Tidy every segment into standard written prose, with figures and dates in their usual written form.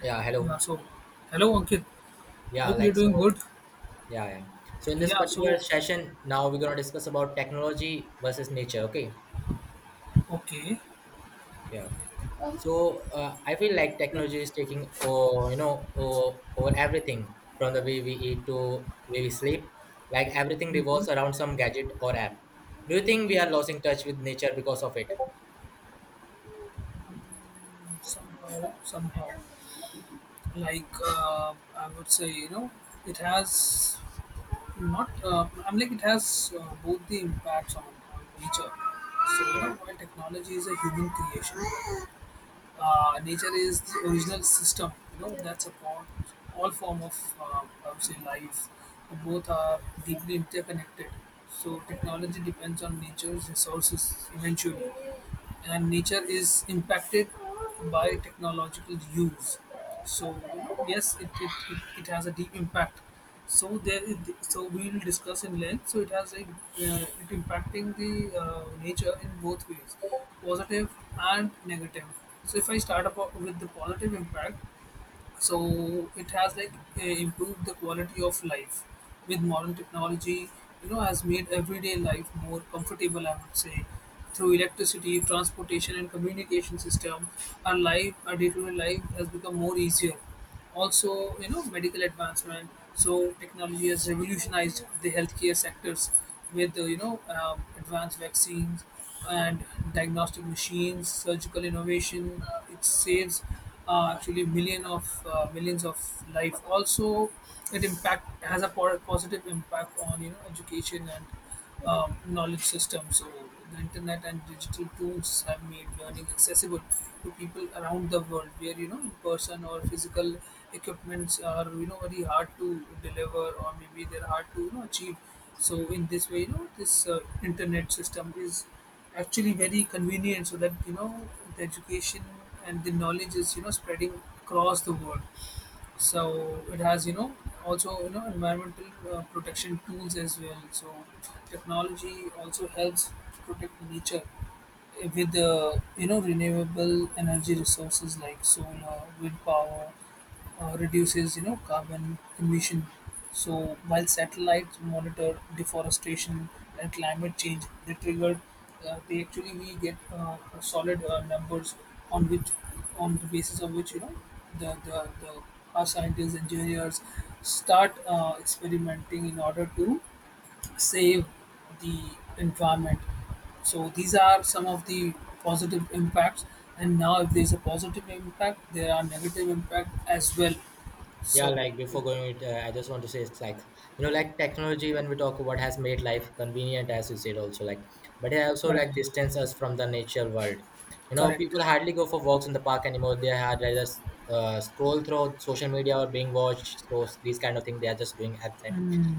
Yeah, Yeah, hello. so hello Ankit. Yeah, Hope you're like doing so. good. Yeah, yeah. So in this Yeah, so particular session, now we're gonna discuss about technology versus nature. Okay. okay. Yeah. So I feel like technology is taking, over everything from the way we eat to way we sleep. Like everything revolves around some gadget or app. Do you think we are losing touch with nature because of it? Somehow, I would say, it has not. I'm like it has both the impacts on nature. So you Yeah. know, while technology is a human creation, nature is the original system. You know, that's upon all form of I would say life. Both are deeply interconnected. So technology depends on nature's resources eventually, and nature is impacted by technological use. So you know, yes, it has a deep impact, so there, so we'll discuss in length. So it has it impacting the nature in both ways, positive and negative. So if I start up with the positive impact, so it has improved the quality of life. With modern technology, you know, has made everyday life more comfortable, I would say, through electricity, transportation, and communication system, our life, our day-to-day life has become more easier. Also, you know, medical advancement. So technology has revolutionized the healthcare sectors with you know, advanced vaccines and diagnostic machines, surgical innovation. It saves actually million of millions of life. Also it impact has a positive impact on, you know, education and knowledge system. So the internet and digital tools have made learning accessible to people around the world, where, you know, in person or physical equipments are, you know, very hard to deliver, or maybe they're hard to, you know, achieve. So in this way, you know, this internet system is actually very convenient, so that, you know, the education and the knowledge is, you know, spreading across the world. So it has, you know, also, you know, environmental protection tools as well. So technology also helps protect nature with you know, renewable energy resources like solar, wind power, reduces, you know, carbon emission. So while satellites monitor deforestation and climate change, they triggered. They actually we get solid numbers on which, on the basis of which, you know, the our scientists, engineers start experimenting in order to save the environment. So these are some of the positive impacts. And now, if there's a positive impact, there are negative impact as well. Yeah, So, like before going, I just want to say it's like like technology when we talk about has made life convenient, as you said also like, but it also correct. like distance us from the nature world. You know, Correct. people hardly go for walks in the park anymore. They had rather scroll through social media or being watched. So these kind of thing they are just doing at time.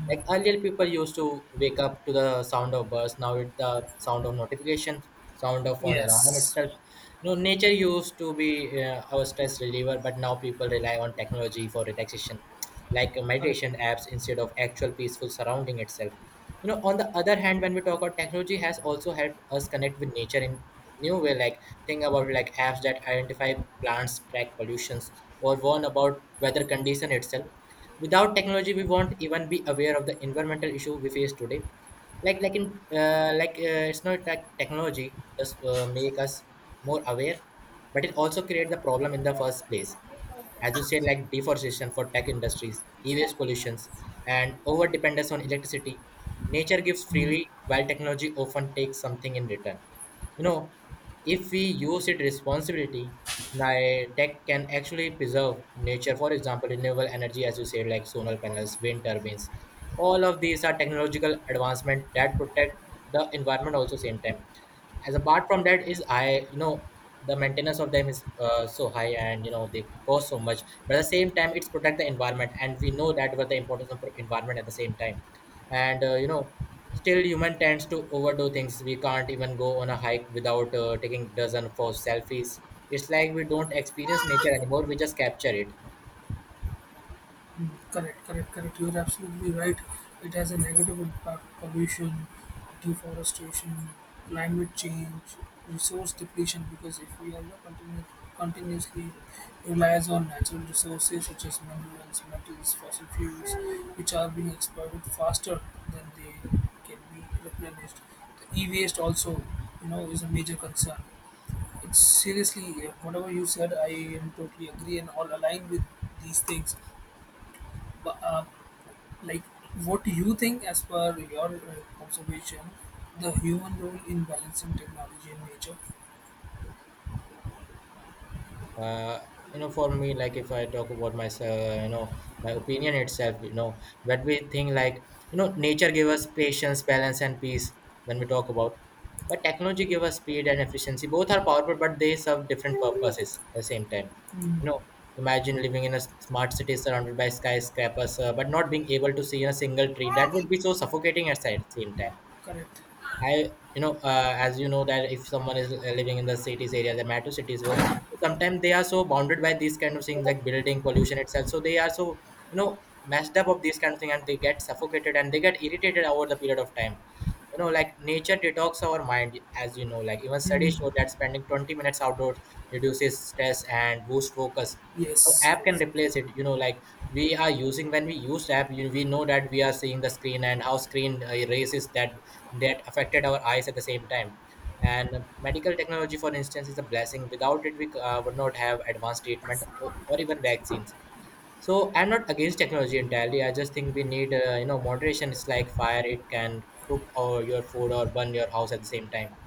Like earlier, people used to wake up to the sound of birds. Now it's the sound of notifications, sound of an alarm Yes. itself. You know, nature used to be our stress reliever, but now people rely on technology for relaxation, like Correct. meditation apps instead of actual peaceful surrounding itself. You know, on the other hand, when we talk about, technology has also helped us connect with nature in new way. Like, think about like apps that identify plants, track pollutions, or warn about weather condition itself. Without technology, we won't even be aware of the environmental issue we face today. Like in like It's not like technology does make us more aware, but it also create the problem in the first place. As you said, like deforestation for tech industries, e-waste pollutions, and over dependence on electricity. Nature gives freely while technology often takes something in return. You know, if we use it responsibility, tech can actually preserve nature. For example, renewable energy, as you said, like solar panels, wind turbines, all of these are technological advancement that protect the environment also same time. As apart from that, is, I you know, the maintenance of them is so high and you know they cost so much, but at the same time it's protect the environment, and we know that what the importance of environment at the same time. And you know, still human tends to overdo things. We can't even go on a hike without taking dozen for selfies. It's like we don't experience nature anymore, we just capture it. Mm, correct. Correct. Correct. You're absolutely right. It has a negative impact: pollution, deforestation, climate change, resource depletion. Because if we are not continuously relies on natural resources such as minerals, metals, fossil fuels, which are being exploited faster than they can be replenished, the e-waste also, you know, is a major concern. It's seriously, whatever you said, I am totally agree and all aligned with these things. But like, what do you think, as per your observation, the human role in balancing technology and nature? uh, you know, for me, like if I talk about myself, you know, my opinion itself, you know, when we think like, you know, nature gave us patience, balance and peace. When we talk about, but technology give us speed and efficiency. Both are powerful, but they serve different purposes at the same time. You know, imagine living in a smart city surrounded by skyscrapers, but not being able to see a single tree. That would be so suffocating at the same time. Correct. I, you know, as you know that if someone is living in the cities area, the metro cities, well, sometimes they are so bounded by these kind of things like building pollution itself. So they are so, you know, messed up of these kind of thing, and they get suffocated and they get irritated over the period of time. You know, like nature detox our mind, as you know, like even studies show that spending 20 minutes outdoors reduces stress and boosts focus. So Yes. app can replace it, you know. Like, we are using when we use app, we know that we are seeing the screen, and how screen races that, that affected our eyes at the same time. And medical technology, for instance, is a blessing. Without it, we would not have advanced treatment Yes. Or even vaccines. So I'm not against technology entirely. I just think we need, you know, moderation. It's like fire; it can cook or your food or burn your house at the same time.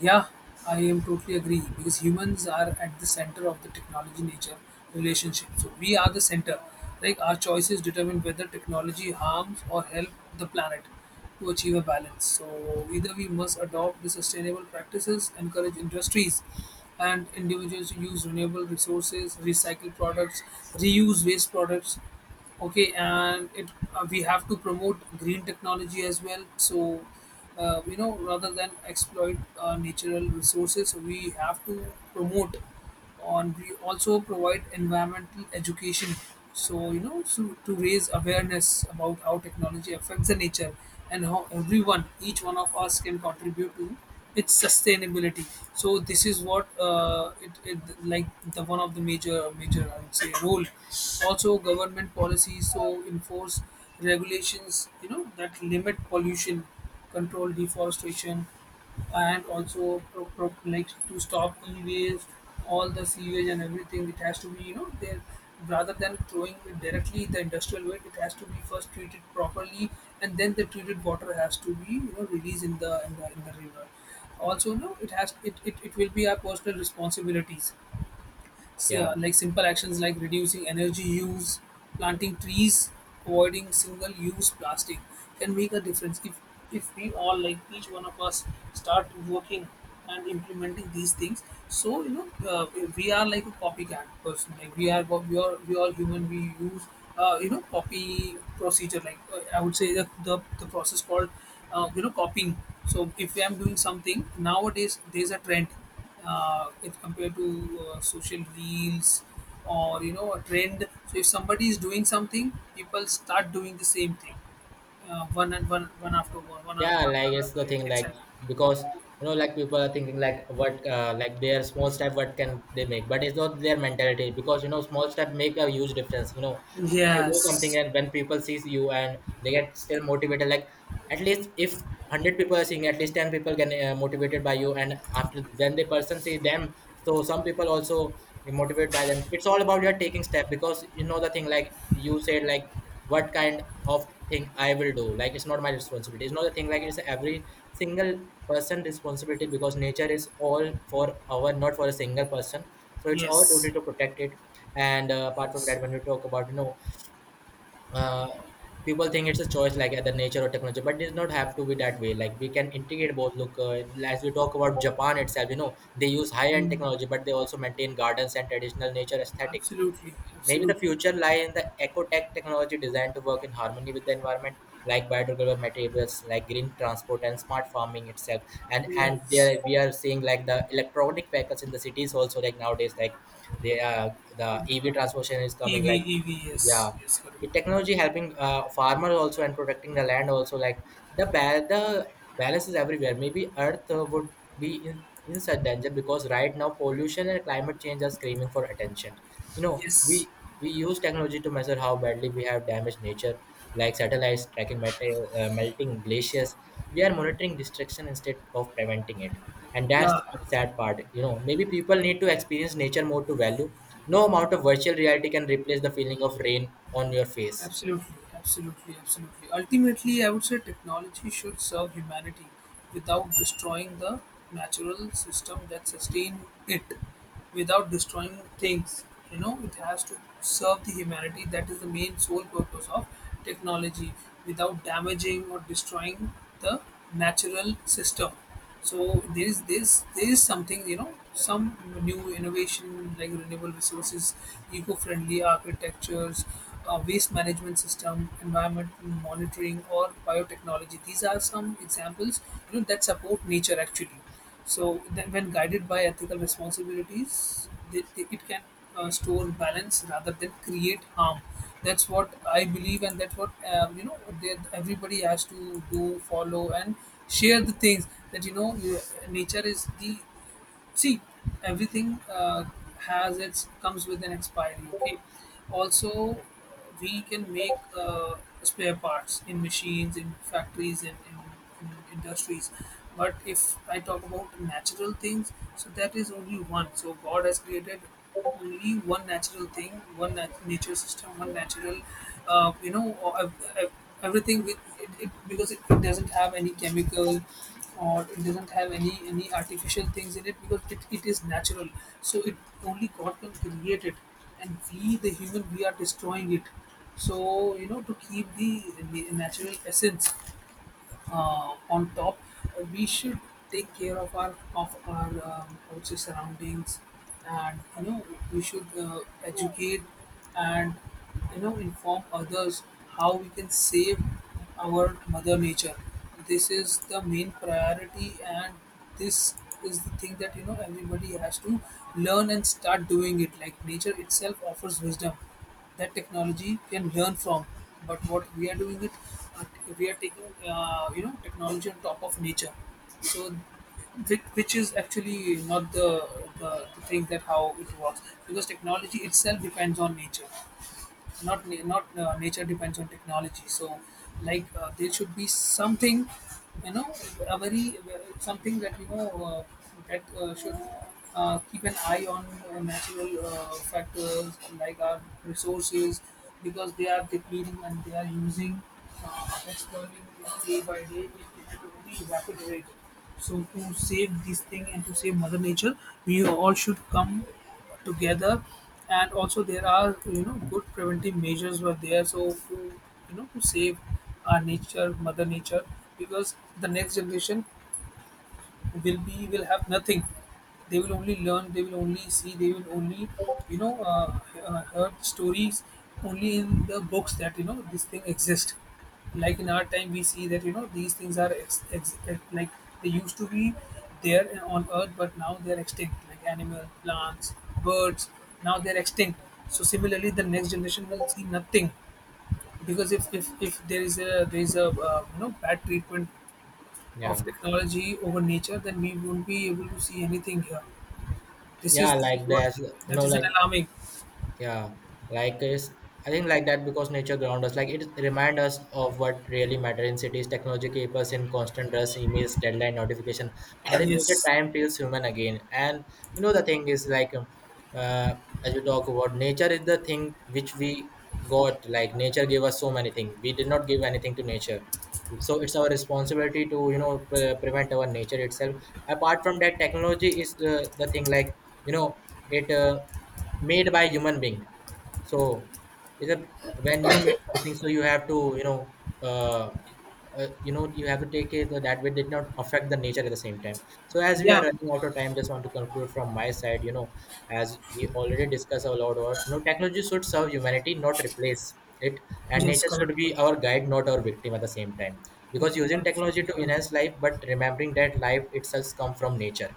Yeah, I am totally agree because humans are at the center of the technology nature relationship. So we are the center. Like our choices determine whether technology harms or help the planet to achieve a balance. So either we must adopt the sustainable practices, encourage industries and individuals to use renewable resources, recycle products, reuse waste products. Okay, and it we have to promote green technology as well. So you know, rather than exploit natural resources, we have to promote on, we also provide environmental education, so you know, so to raise awareness about how technology affects the nature, and how everyone, each one of us, can contribute to its sustainability. So this is what it, it like the one of the major, I would say, role. Also, government policies. So enforce regulations, you know, that limit pollution, control deforestation, and also like to stop e-waste, all the sewage and everything. It has to be, you know, there, rather than throwing it directly the industrial waste. It has to be first treated properly, and then the treated water has to be, you know, released in the river. Also, no, it has it, it, it will be our personal responsibilities. Yeah. Like simple actions like reducing energy use, planting trees, avoiding single use plastic can make a difference if we all, like each one of us, start working and implementing these things. So you know, we are like a copycat person, like we are human. We use you know, copy procedure, like I would say that the process called you know, copying. So if I'm doing something nowadays, there's a trend, if compared to social reels or, you know, a trend. So if somebody is doing something, people start doing the same thing, one and one Yeah, after like it's the another. Thing, It's like, like because you know, like people are thinking like, what, like their small step what can they make, but it's not their mentality, because you know small step make a huge difference, you know. If you do something yes, and when people sees you and they get still motivated, like at least if 100 people are seeing, at least 10 people get motivated by you, and after then the person see them, so some people also be motivated by them. It's all about your taking step, because you know the thing like you said, like what kind of thing I will do. Like, it's not my responsibility. It's not a thing like, it's every single person responsibility, because nature is all for our, not for a single person. So it's our yes, duty to protect it. And apart from yes, that, when you talk about, you know, uh, people think it's a choice like either nature or technology, but it does not have to be that way. Like, we can integrate both. Look, as we talk about Japan itself, you know, they use high end technology, but they also maintain gardens and traditional nature aesthetics. absolutely, Maybe the absolutely, future lie in the eco-tech technology designed to work in harmony with the environment, like biodegradable materials, like green transport and smart farming itself. And yes, there we are seeing like the electronic vehicles in the cities also, like nowadays, like the EV transportation is e v coming, like e v. Yes, yeah, yes, correct, it technology helping farmers also and protecting the land also. Like, the balance is everywhere. Maybe Earth would be in such danger, because right now pollution and climate change are screaming for attention. You know, yes, we use technology to measure how badly we have damaged nature, like satellites tracking melting glaciers. We are monitoring destruction instead of preventing it, and that's yeah. the sad part. You know, maybe people need to experience nature more to value. No amount of virtual reality can replace the feeling of rain on your face. Absolutely, absolutely, absolutely. Ultimately, I would say technology should serve humanity without destroying the natural system that sustain it, without destroying things. You know, it has to serve the humanity. That is the main sole purpose of technology, without damaging or destroying the natural system. So there's something, you know, some new innovation like renewable resources, eco-friendly architectures, waste management system, environment monitoring, or biotechnology. These are some examples, you know, that support nature actually. So then, when guided by ethical responsibilities, it can store balance rather than create harm. That's what I believe, and that's what you know, that everybody has to do, follow, and share the things that you know. You, nature is the, see, everything has its, comes with an expiry. Okay, also we can make spare parts in machines, in factories, in, in industries. But if I talk about natural things, so that is only one. So god has created only one natural thing, one nature system, one natural, you know, or everything with it. It because it doesn't have any chemical, or it doesn't have any artificial things in it, because it is natural. So it, only God can create it, and we the human, we are destroying it. So you know, to keep the natural essence on top, we should take care of our also surroundings, and you know, we should educate and, you know, inform others how we can save our mother nature. This is the main priority, and this is the thing that, you know, everybody has to learn and start doing it. Like nature itself offers wisdom that technology can learn from. But what we are doing it, uh, we are taking you know, technology on top of nature. So which is actually not the thing, that how it works. Because technology itself depends on nature, not nature depends on technology. So like there should be something, you know, a very something that, you know, that should keep an eye on natural factors like our resources, because they are depleting and they are using, exploiting day by day. It will be evaporated. So to save this thing and to save mother nature, we all should come together. And also there are, you know, good preventive measures were there, so to, you know, to save our nature, mother nature. Because the next generation will be, will have nothing. They will only learn, they will only see, they will only, you know, heard stories only in the books, that you know these things exist. Like in our time, we see that, you know, these things are like, they used to be there and on earth, but now they're extinct, like animal, plants, birds, now they're extinct. So similarly the next generation will see nothing, because if, if there is a, there is a, you know, bad treatment Yeah. of technology over nature, then we won't be able to see anything here. This is, Yeah, this is like what, there's you that know is an like alarming. yeah like it's I think like that, because nature ground us, like it remind us of what really matter. In cities, technology keep us in constant rush, emails, deadline, notification, but in nature, Yes. time feels human again. And you know, the thing is like uh, as we talk about, nature is the thing which we got. Like, nature gave us so many things, we did not give anything to nature. So it's our responsibility to you know prevent our nature itself. Apart from that, technology is the thing like, you know, it made by human being. So is a when you make something, so you have to you know, uh, you know, you have to take it so that way did not affect the nature at the same time. So as we are Yeah. running out of time, just want to conclude from my side, you know, as we already discussed a lot about, you know, technology should serve humanity not replace it, and Yes. nature Correct. should be Correct. our guide not our victim at the same time. Because Correct. using technology Absolutely to correct. enhance life, but remembering that life itself comes from nature.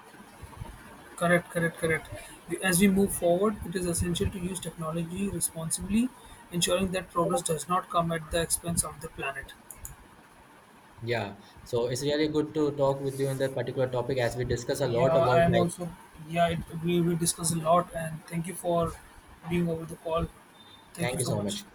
Correct. Correct. Correct. As we move forward, it is essential to use technology responsibly, ensuring that progress does not come at the expense of the planet. Yeah. So it's really good to talk with you in that particular topic, as we discuss a Yeah, lot about, I am like, also. Yeah, we discuss a lot, and thank you for being over the call. Thank you thank you so so much. much.